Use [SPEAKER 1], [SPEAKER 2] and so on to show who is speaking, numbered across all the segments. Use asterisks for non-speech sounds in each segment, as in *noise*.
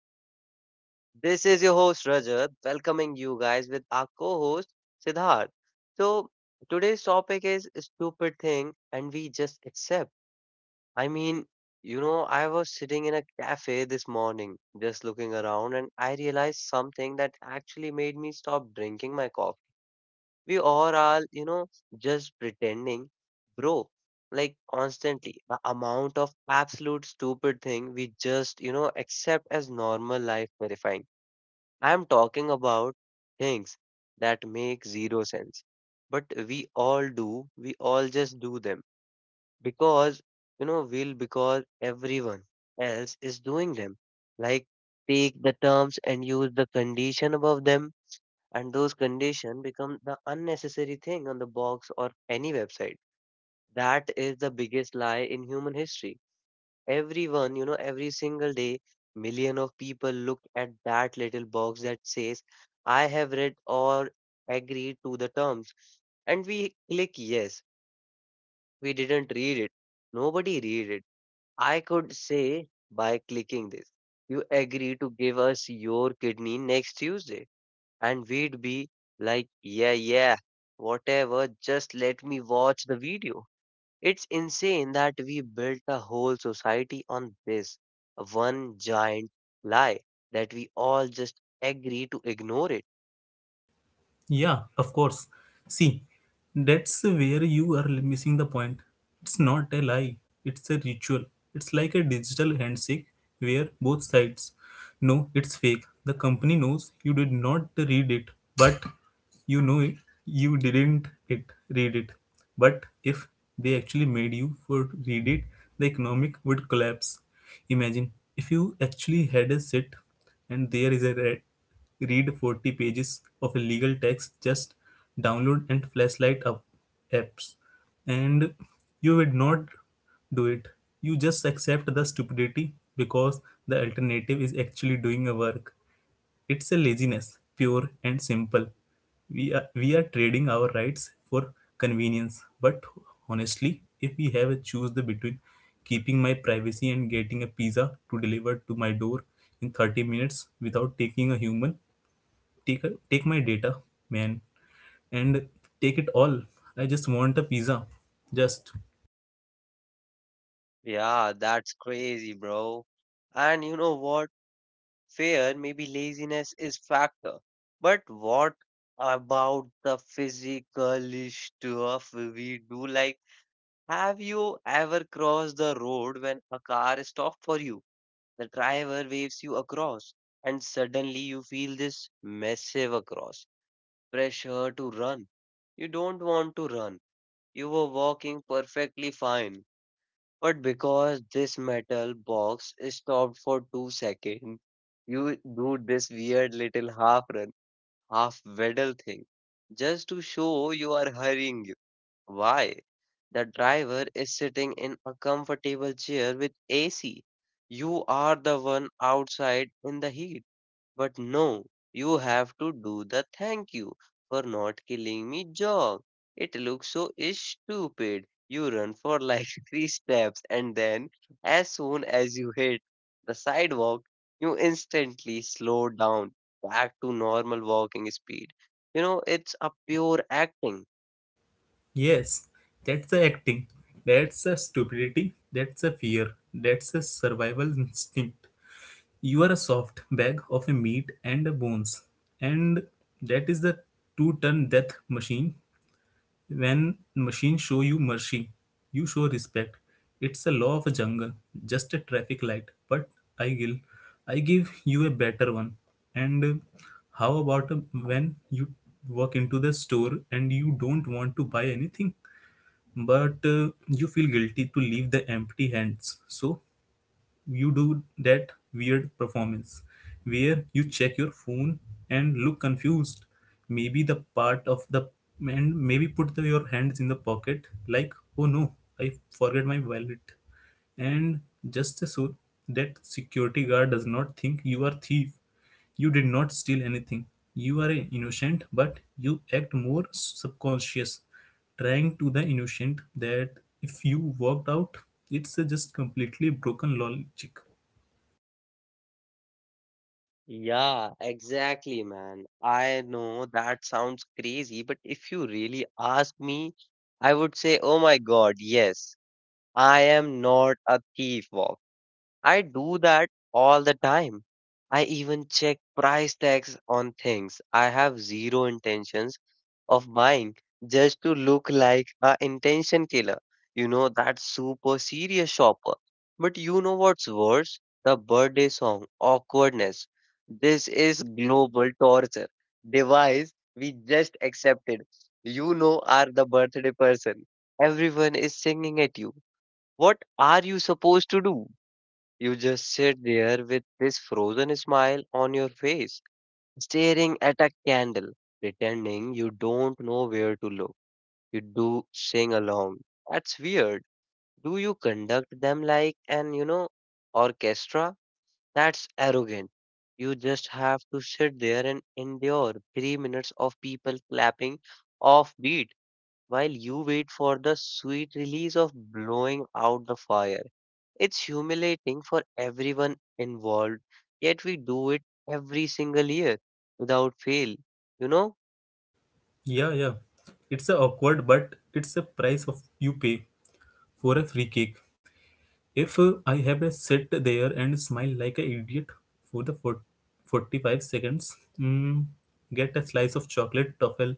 [SPEAKER 1] podcast. This is your host, Rajat, welcoming you guys with our co host, Siddharth. So, today's topic is a stupid thing, and we just accept. I mean, I was sitting in a cafe this morning, just looking around, and I realized something that actually made me stop drinking my coffee. We all are, all, just pretending, bro. Like constantly, the amount of absolute stupid thing we just, accept as normal life verifying. I'm talking about things that make zero sense, but we all do. We all just do them because, we'll because everyone else is doing them. Like take the terms and use the condition above them, and those condition become the unnecessary thing on the box or any website. That is the biggest lie in human history. Everyone, every single day, million of people look at that little box that says I have read or agreed to the terms, and we click yes. We didn't read it. Nobody read it. I could say, by clicking this, you agree to give us your kidney next Tuesday, and we'd be like, yeah, yeah, whatever, just let me watch the video. It's insane that we built a whole society on this one giant lie that we all just agree to ignore it.
[SPEAKER 2] Yeah, of course. See, that's where you are missing the point. It's not a lie, it's a ritual. It's like a digital handshake where both sides know it's fake. The company knows you did not read it, but you know it, you didn't it read it. But if they actually made you for read it, the economic would collapse. Imagine if you actually had a sit and there is a red. Read 40 pages of legal text, just download and flashlight up apps. And you would not do it. You just accept the stupidity because the alternative is actually doing a work. It's a laziness, pure and simple. We are trading our rights for convenience. But honestly, if we have a choose the between keeping my privacy and getting a pizza to deliver to my door in 30 minutes without taking a human, take take my data, man, and take it all. I just want the pizza, just
[SPEAKER 1] Yeah, that's crazy, bro. And you know what? Fear, maybe laziness is factor. But what about the physical stuff we do? Like have you ever crossed the road when a car stopped for you? The driver waves you across, and suddenly you feel this massive across pressure to run. You don't want to run. You were walking perfectly fine. But because this metal box stopped for 2 seconds, you do this weird little half run, half waddle thing just to show you are hurrying. Why? The driver is sitting in a comfortable chair with AC. You are the one outside in the heat. But no, you have to do the thank you for not killing me jog. It looks so stupid. You run for like *laughs* three steps and then, as soon as you hit the sidewalk, you instantly slow down back to normal walking speed. You know, it's a pure acting.
[SPEAKER 2] yes. That's the acting, that's the stupidity, that's the fear, that's the survival instinct. You are a soft bag of a meat and a bones, and that is the two-ton death machine. When machines show you mercy, you show respect. It's a law of a jungle, just a traffic light. But I will, I give you a better one. And how about when you walk into the store and you don't want to buy anything, but you feel guilty to leave the empty hands? So you do that weird performance where you check your phone and look confused, maybe the part of the, and maybe put the, your hands in the pocket like, oh no, I forget my wallet. And just so that security guard does not think you are thief, you did not steal anything. You are a innocent, but you act more subconscious, trying to the innocent that if you walked out, it's a just completely broken logic.
[SPEAKER 1] Yeah, exactly, man. I know that sounds crazy, but if you really ask me, I would say, oh my God, yes, I am not a thief, I do that all the time. I even check price tags on things. I have zero intentions of buying just to look like a intention killer. You know, that super serious shopper. But you know what's worse? The birthday song, awkwardness. This is global torture. Device we just accepted. You know, are the birthday person. Everyone is singing at you. What are you supposed to do? You just sit there with this frozen smile on your face, staring at a candle, pretending you don't know where to look. You do sing along. That's weird. Do you conduct them like an, orchestra? That's arrogant. You just have to sit there and endure 3 minutes of people clapping off beat while you wait for the sweet release of blowing out the fire. It's humiliating for everyone involved, yet we do it every single year without fail, you know?
[SPEAKER 2] Yeah, yeah. It's a awkward, but it's a price of you pay for a free cake. If I have a sit there and smile like an idiot for the 40, 45 seconds, mm, get a slice of chocolate truffle,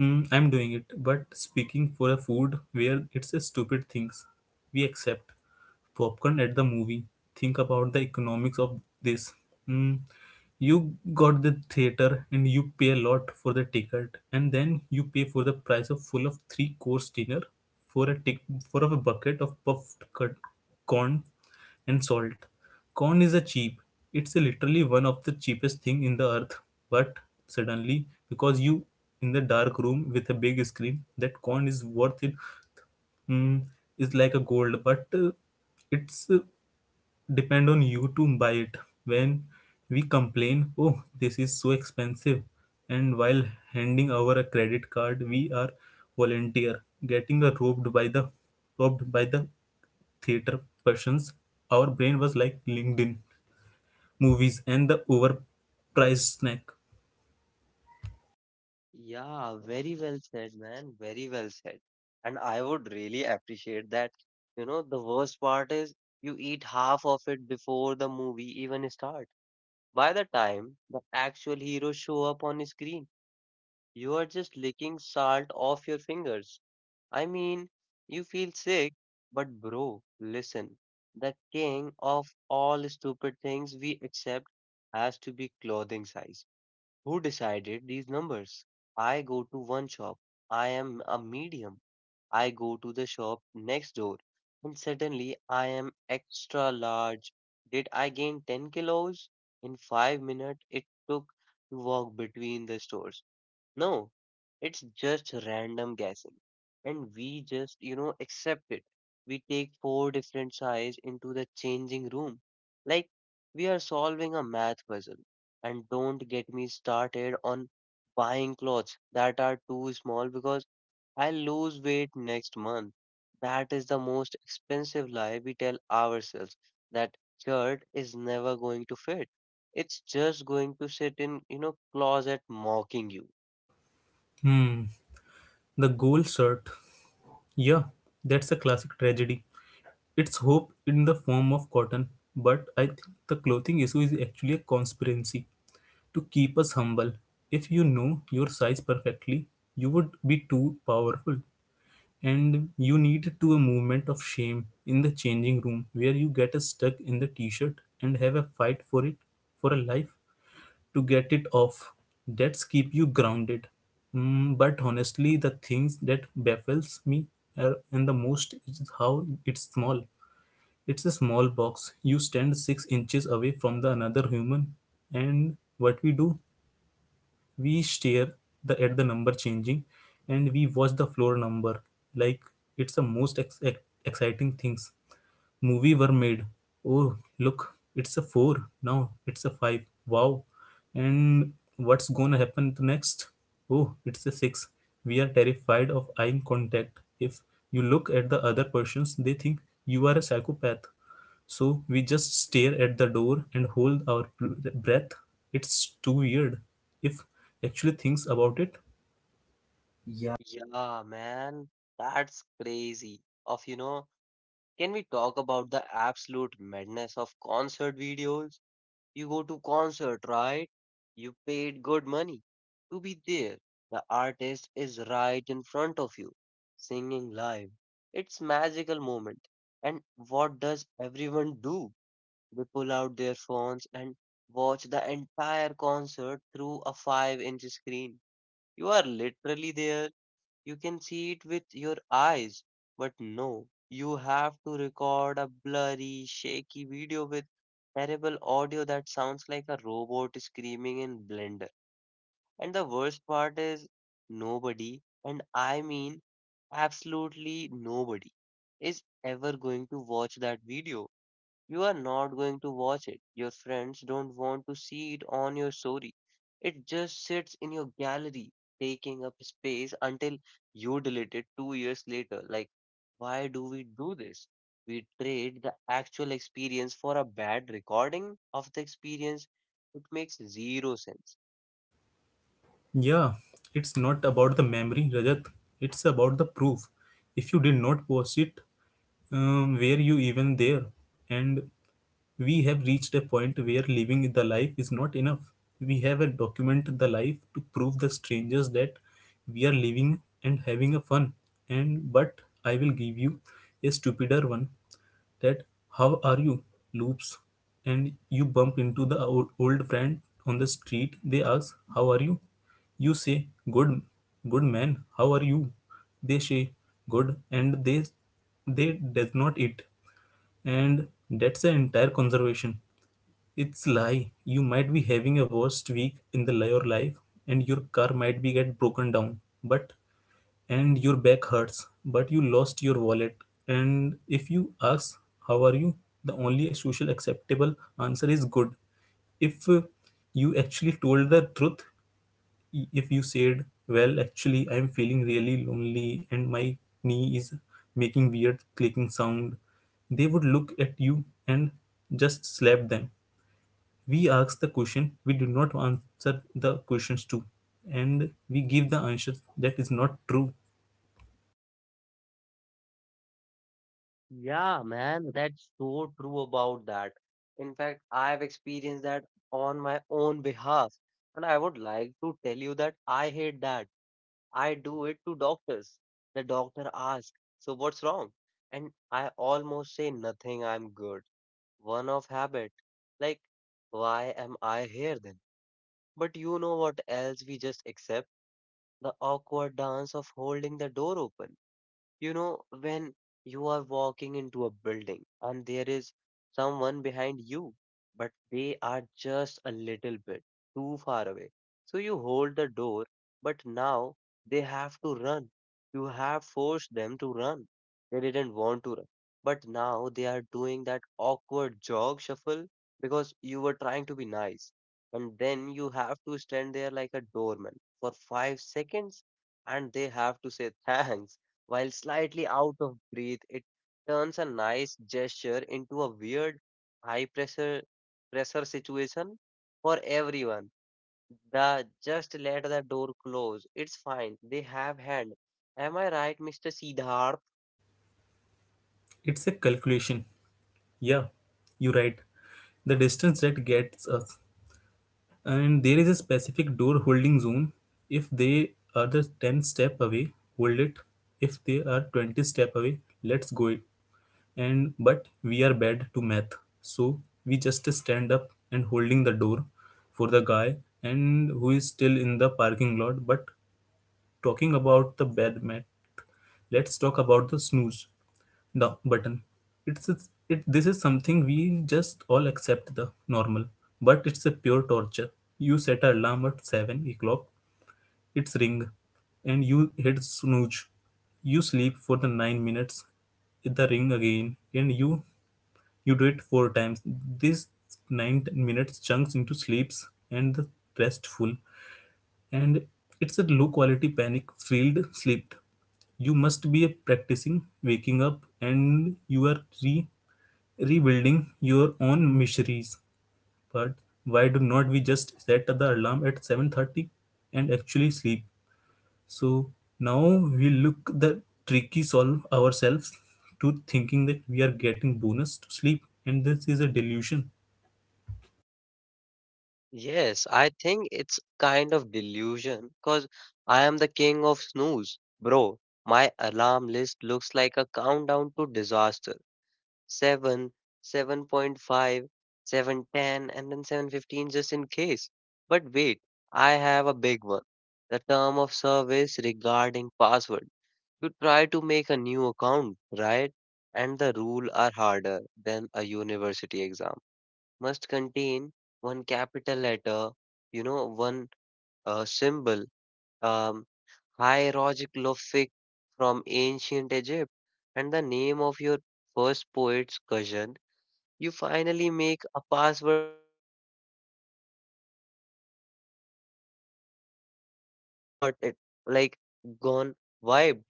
[SPEAKER 2] mm, I'm doing it. But speaking for a food where it's a stupid things, we accept popcorn at the movie. Think about the economics of this. Mm, you got the theater and you pay a lot for the ticket, and then you pay for the price of full of three course dinner, for a tick, for a bucket of puffed cut corn and salt. Corn is a cheap. It's a literally one of the cheapest thing in the earth. But suddenly, because you in the dark room with a big screen, that corn is worth it. Mm, is like a gold, but it's depend on you to buy it. When we complain, oh, this is so expensive, and while handing over a credit card, we are volunteer getting robbed by the theater persons. Our brain was like linkedin movies and the overpriced snack.
[SPEAKER 1] Yeah, very well said, man. Very well said. And I would really appreciate that. You know, the worst part is you eat half of it before the movie even start. By the time the actual heroes show up on screen, you are just licking salt off your fingers. I mean, you feel sick, but bro, listen. The king of all stupid things we accept has to be clothing size. Who decided these numbers? I go to one shop. I am a medium. I go to the shop next door. And suddenly I am extra large. Did I gain 10 kilos? In 5 minutes, it took to walk between the stores. No, it's just random guessing. And we just, accept it. We take four different sides into the changing room. Like we are solving a math puzzle. And don't get me started on buying clothes that are too small because I'll lose weight next month. That is the most expensive lie we tell ourselves that shirt is never going to fit. It's just going to sit in, closet mocking you.
[SPEAKER 2] Hmm, the gold shirt, yeah, that's a classic tragedy. It's hope in the form of cotton, but I think the clothing issue is actually a conspiracy to keep us humble. If you know your size perfectly, you would be too powerful. And you need to a movement of shame in the changing room where you get stuck in the t-shirt and have a fight for it, for a life, to get it off. That's keep you grounded. Mm, but honestly, the things that baffles me are, and the most is how it's small. It's a small box. You stand 6 inches away from the another human, and what we do? We stare the, at the number changing, and we watch the floor number like it's the most exciting things. Movie were made. Oh, look, it's a four now. It's a five. Wow, and what's gonna happen next? Oh, it's a six. We are terrified of eye contact. If you look at the other persons, they think you are a psychopath. So we just stare at the door and hold our breath. It's too weird. If actually thinks about it,
[SPEAKER 1] Yeah, man, that's crazy. Of, can we talk about the absolute madness of concert videos? You go to concert, right? You paid good money to be there. The artist is right in front of you, singing live. It's magical moment. And what does everyone do? They pull out their phones and watch the entire concert through a 5-inch screen. You are literally there, you can see it with your eyes. But no, you have to record a blurry, shaky video with terrible audio that sounds like a robot screaming in Blender. And the worst part is nobody, and I mean absolutely nobody, is ever going to watch that video. You are not going to watch it. Your friends don't want to see it on your story. It just sits in your gallery, taking up space until you delete it 2 years later. Like, why do we do this? We trade the actual experience for a bad recording of the experience. It makes zero sense.
[SPEAKER 2] yeah, it's not about the memory, Rajat. It's about the proof. If you did not post it, were you even there? And we have reached a point where living the life is not enough. We have a document the life to prove the strangers that we are living and having a fun. And but I will give you a stupider one that "How are you?" loops, and you bump into the old friend on the street. They ask, how are you? You say, good, good man, how are you? They say, good, and they does not eat. And that's the entire conservation. It's lie. You might be having a worst week in the your life, and your car might be get broken down. But and your back hurts, but you lost your wallet. And if you ask how are you, the only social acceptable answer is good. If you actually told the truth, if you said, well, actually, I'm feeling really lonely and my knee is making weird clicking sound, they would look at you and just slap them. We ask the question, we do not answer the questions to, and we give the answer that is not true.
[SPEAKER 1] Yeah, man, that's so true about that. In fact, I've experienced that on my own behalf. And I would like to tell you that I hate that. I do it to doctors. The doctor asks, so what's wrong? And I almost say nothing, I'm good. One of habit. Like, why am I here then? But you know what else we just accept? The awkward dance of holding the door open. You know, when you are walking into a building and there is someone behind you, but they are just a little bit too far away. So you hold the door, but now they have to run. You have forced them to run. They didn't want to run, but now they are doing that awkward jog shuffle because you were trying to be nice. And then you have to stand there like a doorman for 5 seconds and they have to say thanks while slightly out of breath. It turns a nice gesture into a weird high pressure situation for everyone. The just let the door close. It's fine. They have hand. Am I right, Mr. Siddharth?
[SPEAKER 2] It's a calculation, yeah, you're right. The distance that gets us, and there is a specific door holding zone. If they are the 10 step away, hold it. If they are 20 step away, let's go it. And but we are bad to math, so we just stand up and holding the door for the guy and who is still in the parking lot. But talking about the bed mat, let's talk about the snooze the button. It's it. This is something we just all accept the normal, but it's a pure torture. You set an alarm at 7 o'clock. It's ring, and you hit snooze. You sleep for the 9 minutes. Hit the ring again, and you do it four times. This 9 minutes chunks into sleeps and the restful and it's a low quality panic filled sleep. You must be practicing waking up and you are rebuilding your own miseries. But why do not we just set the alarm at 7:30 and actually sleep? So now we look the tricky solve ourselves to thinking that we are getting bonus to sleep, and this is a delusion.
[SPEAKER 1] Yes, I think it's kind of delusion because I am the king of snooze. Bro, my alarm list looks like a countdown to disaster. 7, 7.5, 7:10, and then 7:15 just in case. But wait, I have a big one. The term of service regarding password. You try to make a new account, right? And the rule are harder than a university exam. Must contain one capital letter, one symbol, um, hieroglyphic from ancient Egypt, and the name of your first poet's cousin. You finally make a password that words like, hey Rajat, and then 2 days later, you forgot it, like gone vibe.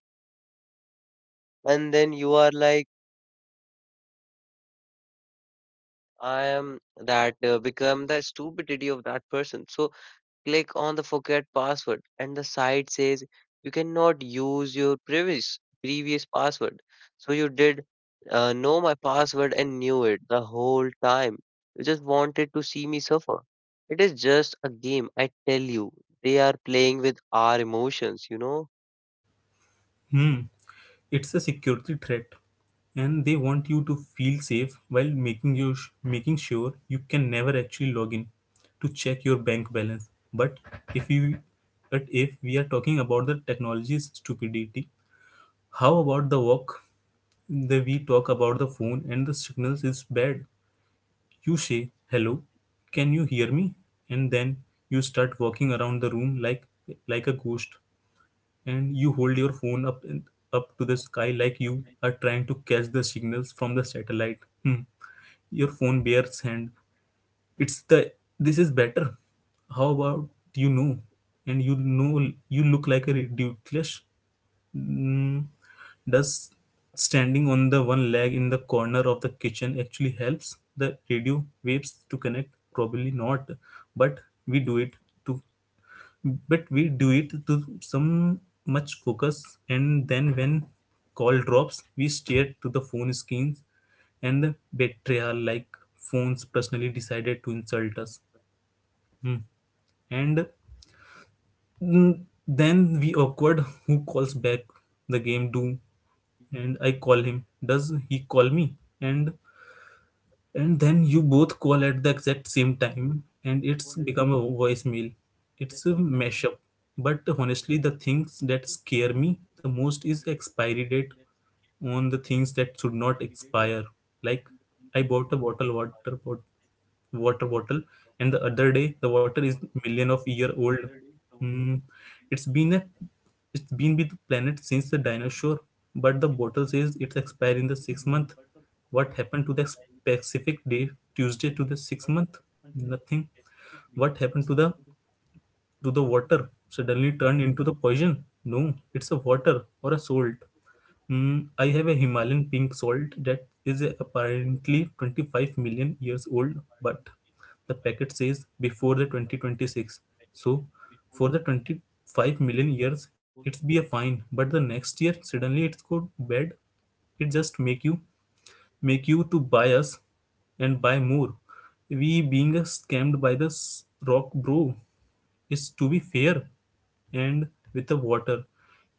[SPEAKER 1] And then you are like, I am that become the stupidity of that person. So click on the forget password and the site says you cannot use your previous password. So you did know my password and knew it the whole time. You just wanted to see me suffer. It is just a game, I tell you. They are playing with our emotions, you know?
[SPEAKER 2] Hmm. It's a security threat, and they want you to feel safe while making you making sure you can never actually log in to check your bank balance. But if you but if we are talking about the technology's stupidity, how about the work? The we talk about the phone and the signals is bad. You say hello, can you hear me? And then you start walking around the room like a ghost, and you hold your phone up to the sky like you are trying to catch the signals from the satellite. Hmm. Your phone bears hand. It's the this is better. How about you know? And you know you look like a ridiculous. Mm, does standing on the one leg in the corner of the kitchen actually helps the radio waves to connect? Probably not, but we do it to we do it to some much focus, and then when call drops, we stare to the phone screens and the betrayal like phones personally decided to insult us. Hmm. And mm, then we awkward who calls back the game do, and I call him, does he call me, and and then you both call at the exact same time and it's become a voicemail. It's a mashup. But honestly, the things that scare me the most is expiry date on the things that should not expire, like I bought a bottle water bottle water bottle, and the other day the water is million of year old. Mm, it's been a it's been with the planet since the dinosaur, but the bottle says it's expired in the sixth month. What happened to the specific day, tuesday to the sixth month? Nothing. What happened to the do the water suddenly turn into the poison? No, it's a water or a salt. Mm, I have a Himalayan pink salt that is apparently 25 million years old, but the packet says before the 2026. So, for the 25 million years, it's be a fine, but the next year suddenly it's go bad. It just make you to buy us and buy more. We being scammed by the rock, bro. Is to be fair, and with the water,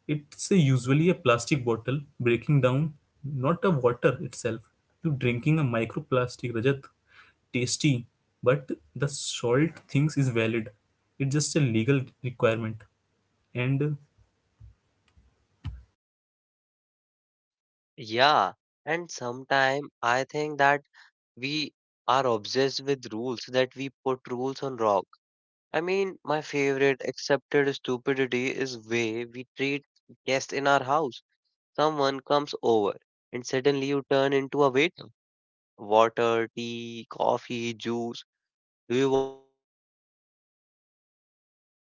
[SPEAKER 2] it's a usually a plastic bottle breaking down, not the water itself. You drinking a microplastic, Rajat. Tasty, but the salt things is valid. It's just a legal requirement. And
[SPEAKER 1] Yeah. And sometimes I think that we are obsessed with rules, that we put rules on rock. I mean, my favorite accepted stupidity is way we treat guests in our house. Someone comes over and suddenly you turn into a waiter. Water, tea, coffee, juice. Do you want a biscuit? Are you hot?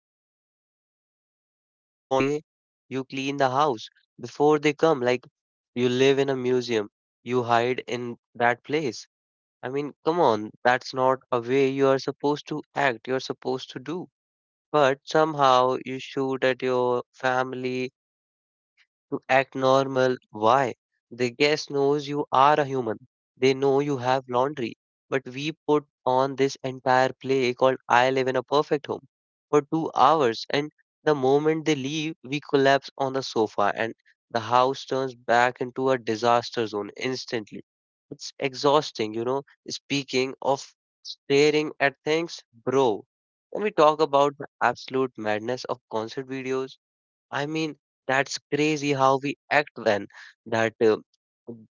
[SPEAKER 1] Is the fan okay? You clean the house before they come, like you live in a museum. You hide in that place. I mean, come on, that's not a way you are supposed to act, you're supposed to do. But somehow you shoot at your family to act normal. Why? The guest knows you are a human. They know you have laundry. But we put on this entire play called I Live in a Perfect Home for 2 hours. And the moment they leave, we collapse on the sofa and the house turns back into a disaster zone instantly. It's exhausting, you know, speaking of staring at things, bro. When we talk about the absolute madness of concert videos, I mean, that's crazy how we act then. That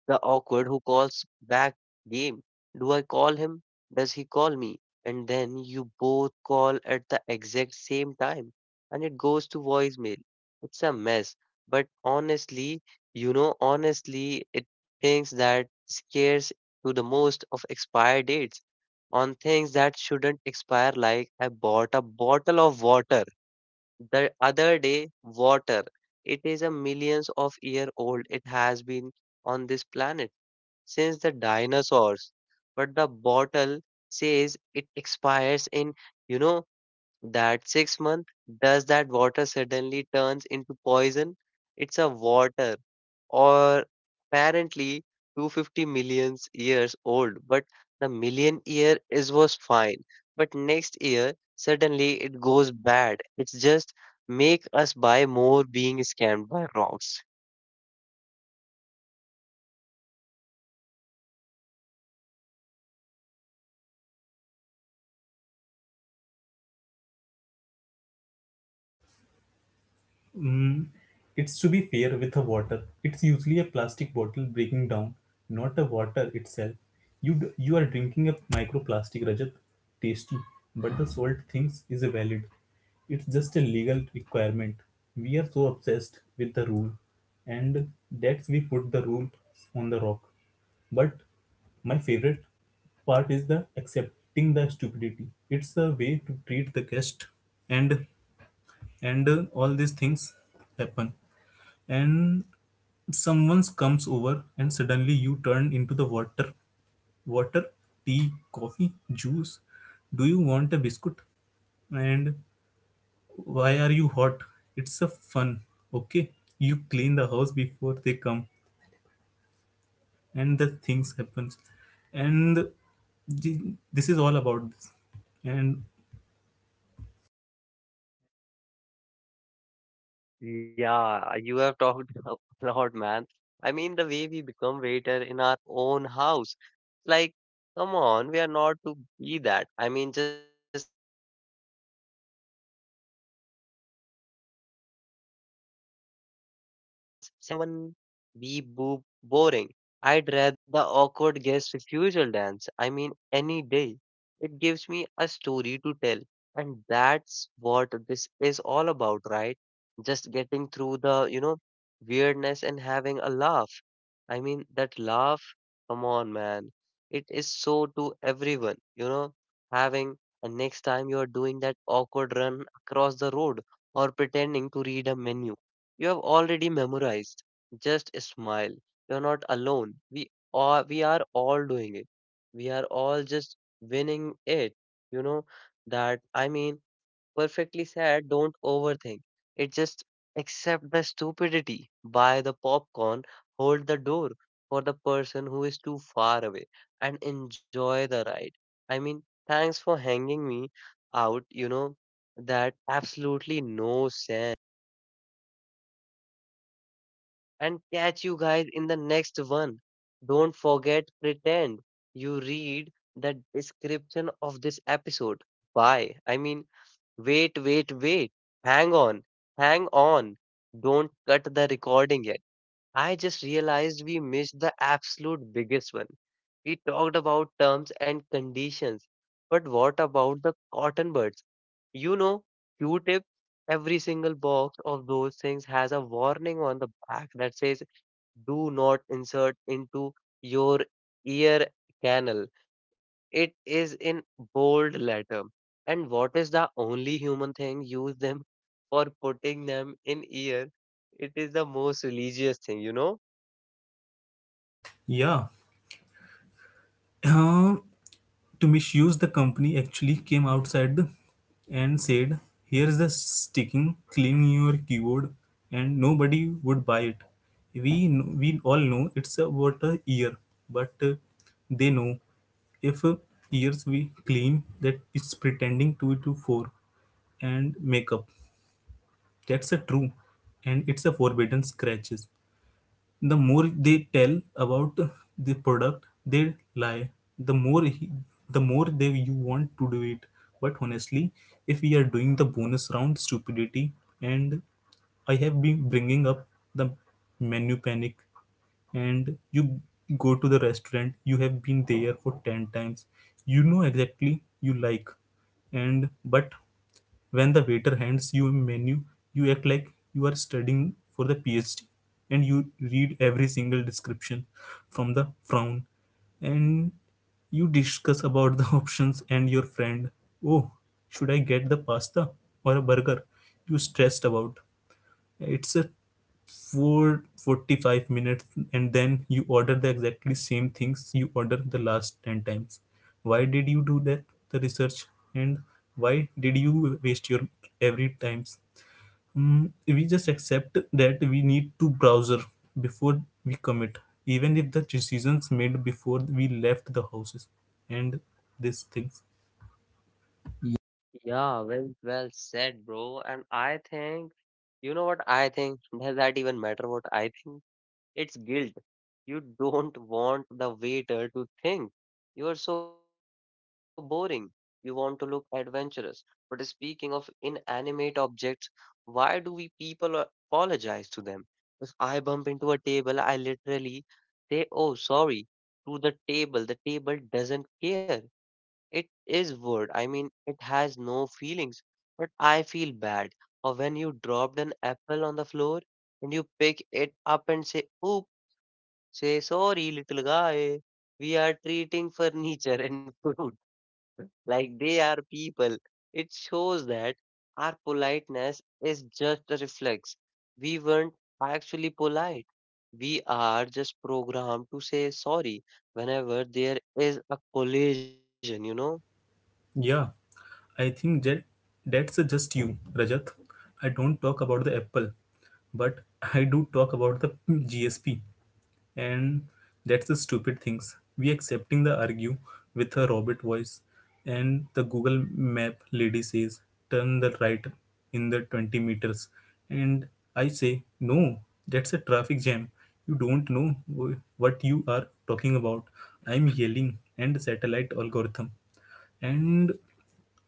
[SPEAKER 1] the awkward who calls back game. Do I call him? Does he call me? And then you both call at the exact same time and it goes to voicemail. It's a mess. But honestly, it thinks that scares to the most of expired dates on things that shouldn't expire, like I bought a bottle of water the other day, water. It is a millions of year old. It has been on this planet since the dinosaurs. But the bottle says it expires in, you know, that 6 month, does that water suddenly turns into poison? It's a water, or apparently 250 million years old, but the million year is was fine. But next year, suddenly it goes bad. It's just make us buy more being scammed by rocks.
[SPEAKER 2] mm, it's to be fair with the water. It's usually a plastic bottle breaking down, not the water itself. You are drinking a microplastic, Rajat. Tasty, but the salt things is valid. It's just a legal requirement. We are so obsessed with the rule, and that's we put the rule on the rock. But my favorite part is the accepting the stupidity. It's a way to treat the guest, and and all these things happen. And someone comes over, and suddenly you turn into the water, tea, coffee, juice. Do you want a biscuit? And why are you hot? It's a fun, okay. You clean the house before they come, and the things happens. And th- this is all about this. And
[SPEAKER 1] Yeah, you have talked *laughs* a lot, man. I mean, the way we become waiter in our own house. Like, come on, we are not to be that. I mean, just sending binary codes to each other. 0 1 0 1 0 1, beep boop, boring. I'd rather have the awkward guest refusal dance, I mean, any day. It gives me a story to tell. And that's what this is all about, right? Just getting through the, weirdness and having a laugh. I mean, that laugh, come on, man. It is so to everyone, having, and next time you are doing that awkward run across the road or pretending to read a menu, you have already memorized just smile. You're not alone. We are all doing it. We are all just winning it. You know that I mean perfectly said, don't overthink. It just accept the stupidity. Buy the popcorn, hold the door for the person who is too far away and enjoy the ride. I mean, thanks for hanging me out, that absolutely no sense. And catch you guys in the next one. Don't forget, pretend you read the description of this episode. Why? I mean, wait, wait, wait. Hang on, hang on. Don't cut the recording yet. I just realized we missed the absolute biggest one. We talked about terms and conditions, but what about the cotton buds? You know, Q-tip, every single box of those things has a warning on the back that says do not insert into your ear canal. It is in bold letter. And what is the only human thing use them for putting them in ear? It is the most religious thing, you know?
[SPEAKER 2] yeah, *clears throat* to misuse the company actually came outside and said, here's the sticking, clean your keyboard. And nobody would buy it. We kn- we all know it's about a year but they know if years we clean that, it's pretending two to four and makeup. That's a true, and it's a forbidden scratches. The more they tell about the product, they lie. The more he, the more they you want to do it. But honestly, if we are doing the bonus round stupidity, and I have been bringing up the menu panic, and you go to the restaurant you have been there for 10 times, you know exactly you like. And but when the waiter hands you a menu, you act like you are studying for the PhD, and you read every single description from the frown. And you discuss about the *laughs* options and your friend. Oh, should I get the pasta or a burger? You stressed about. It's a 4 45 minutes, and then you order the exactly same things you ordered the last 10 times. Why did you do that? The research, and why did you waste your every times? Mm, we just accept that we need to browser before we commit, even if the decisions made before we left the houses and these things.
[SPEAKER 1] Yeah, well, well said, bro. And I think, you know what I think? Does that even matter what I think? It's guilt. You don't want the waiter to think you are so boring. You want to look adventurous. But speaking of inanimate objects, why do we people apologize to them? If I bump into a table, I literally say, oh, sorry, to the table. The table doesn't care. It is wood. I mean, it has no feelings. But I feel bad. Or when you dropped an apple on the floor, and you pick it up and say, "Oops." Say, sorry, little guy, we are treating furniture and food *laughs* like they are people. It shows that our politeness is just a reflex. We weren't actually polite. We are just programmed to say sorry whenever there is a collision, you know?
[SPEAKER 2] Yeah, I think that that's just you, Rajat. I don't talk about the Apple, but I do talk about the GSP, and that's the stupid things. We accepting the argue with a robot voice, and the Google Map lady says turn the right in the 20 meters, and I say no, that's a traffic jam. You don't know what you are talking about. I'm yelling and satellite algorithm. And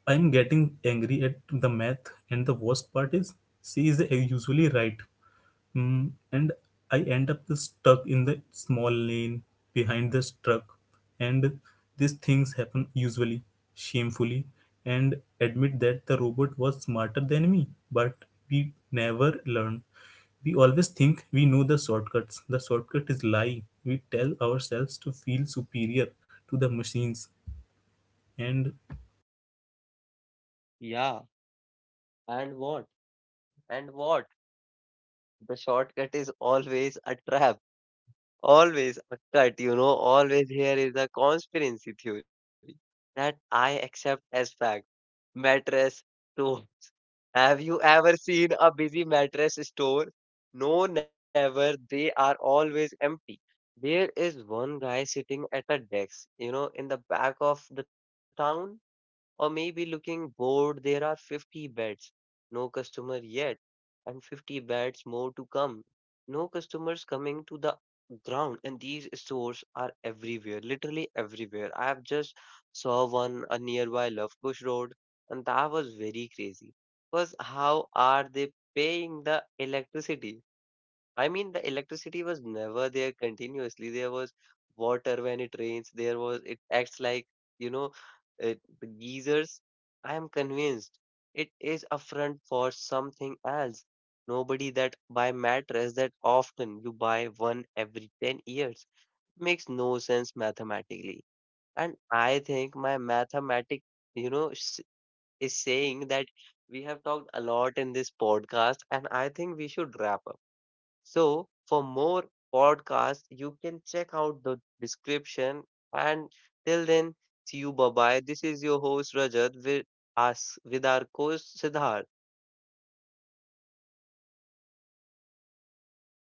[SPEAKER 2] I'm getting angry at the math, and the worst part is she is usually right. Mm, and I end up stuck in the small lane behind the truck. And these things happen usually, shamefully, and admit that the robot was smarter than me, but we never learn. We always think we know the shortcuts. The shortcut is lie. We tell ourselves to feel superior to the machines. And
[SPEAKER 1] Yeah. And what? And what? The shortcut is always a trap. Always a cut, you know, always here is a conspiracy theory that I accept as fact. Mattress store. Have you ever seen a busy mattress store? No, never. They are always empty. There is one guy sitting at a desk, in the back of the town, or maybe looking bored. There are 50 beds. No customer yet and 50 beds more to come. No customers coming to the ground, and these stores are everywhere, literally everywhere. I have just saw one nearby Love Kush Road, and that was very crazy. Because how are they paying the electricity? I mean, the electricity was never there continuously. There was water when it rains. There was, it acts like, you know, the geysers. I am convinced it is a front for something else. Nobody that buy mattress that often you buy one every 10 years makes no sense mathematically. And I think my mathematic, you know, s- is saying that we have talked a lot in this podcast, and I think we should wrap up. So, for more podcasts, you can check out the description. And till then, see you. Bye bye. This is your host Rajat with us with our co host Siddharth.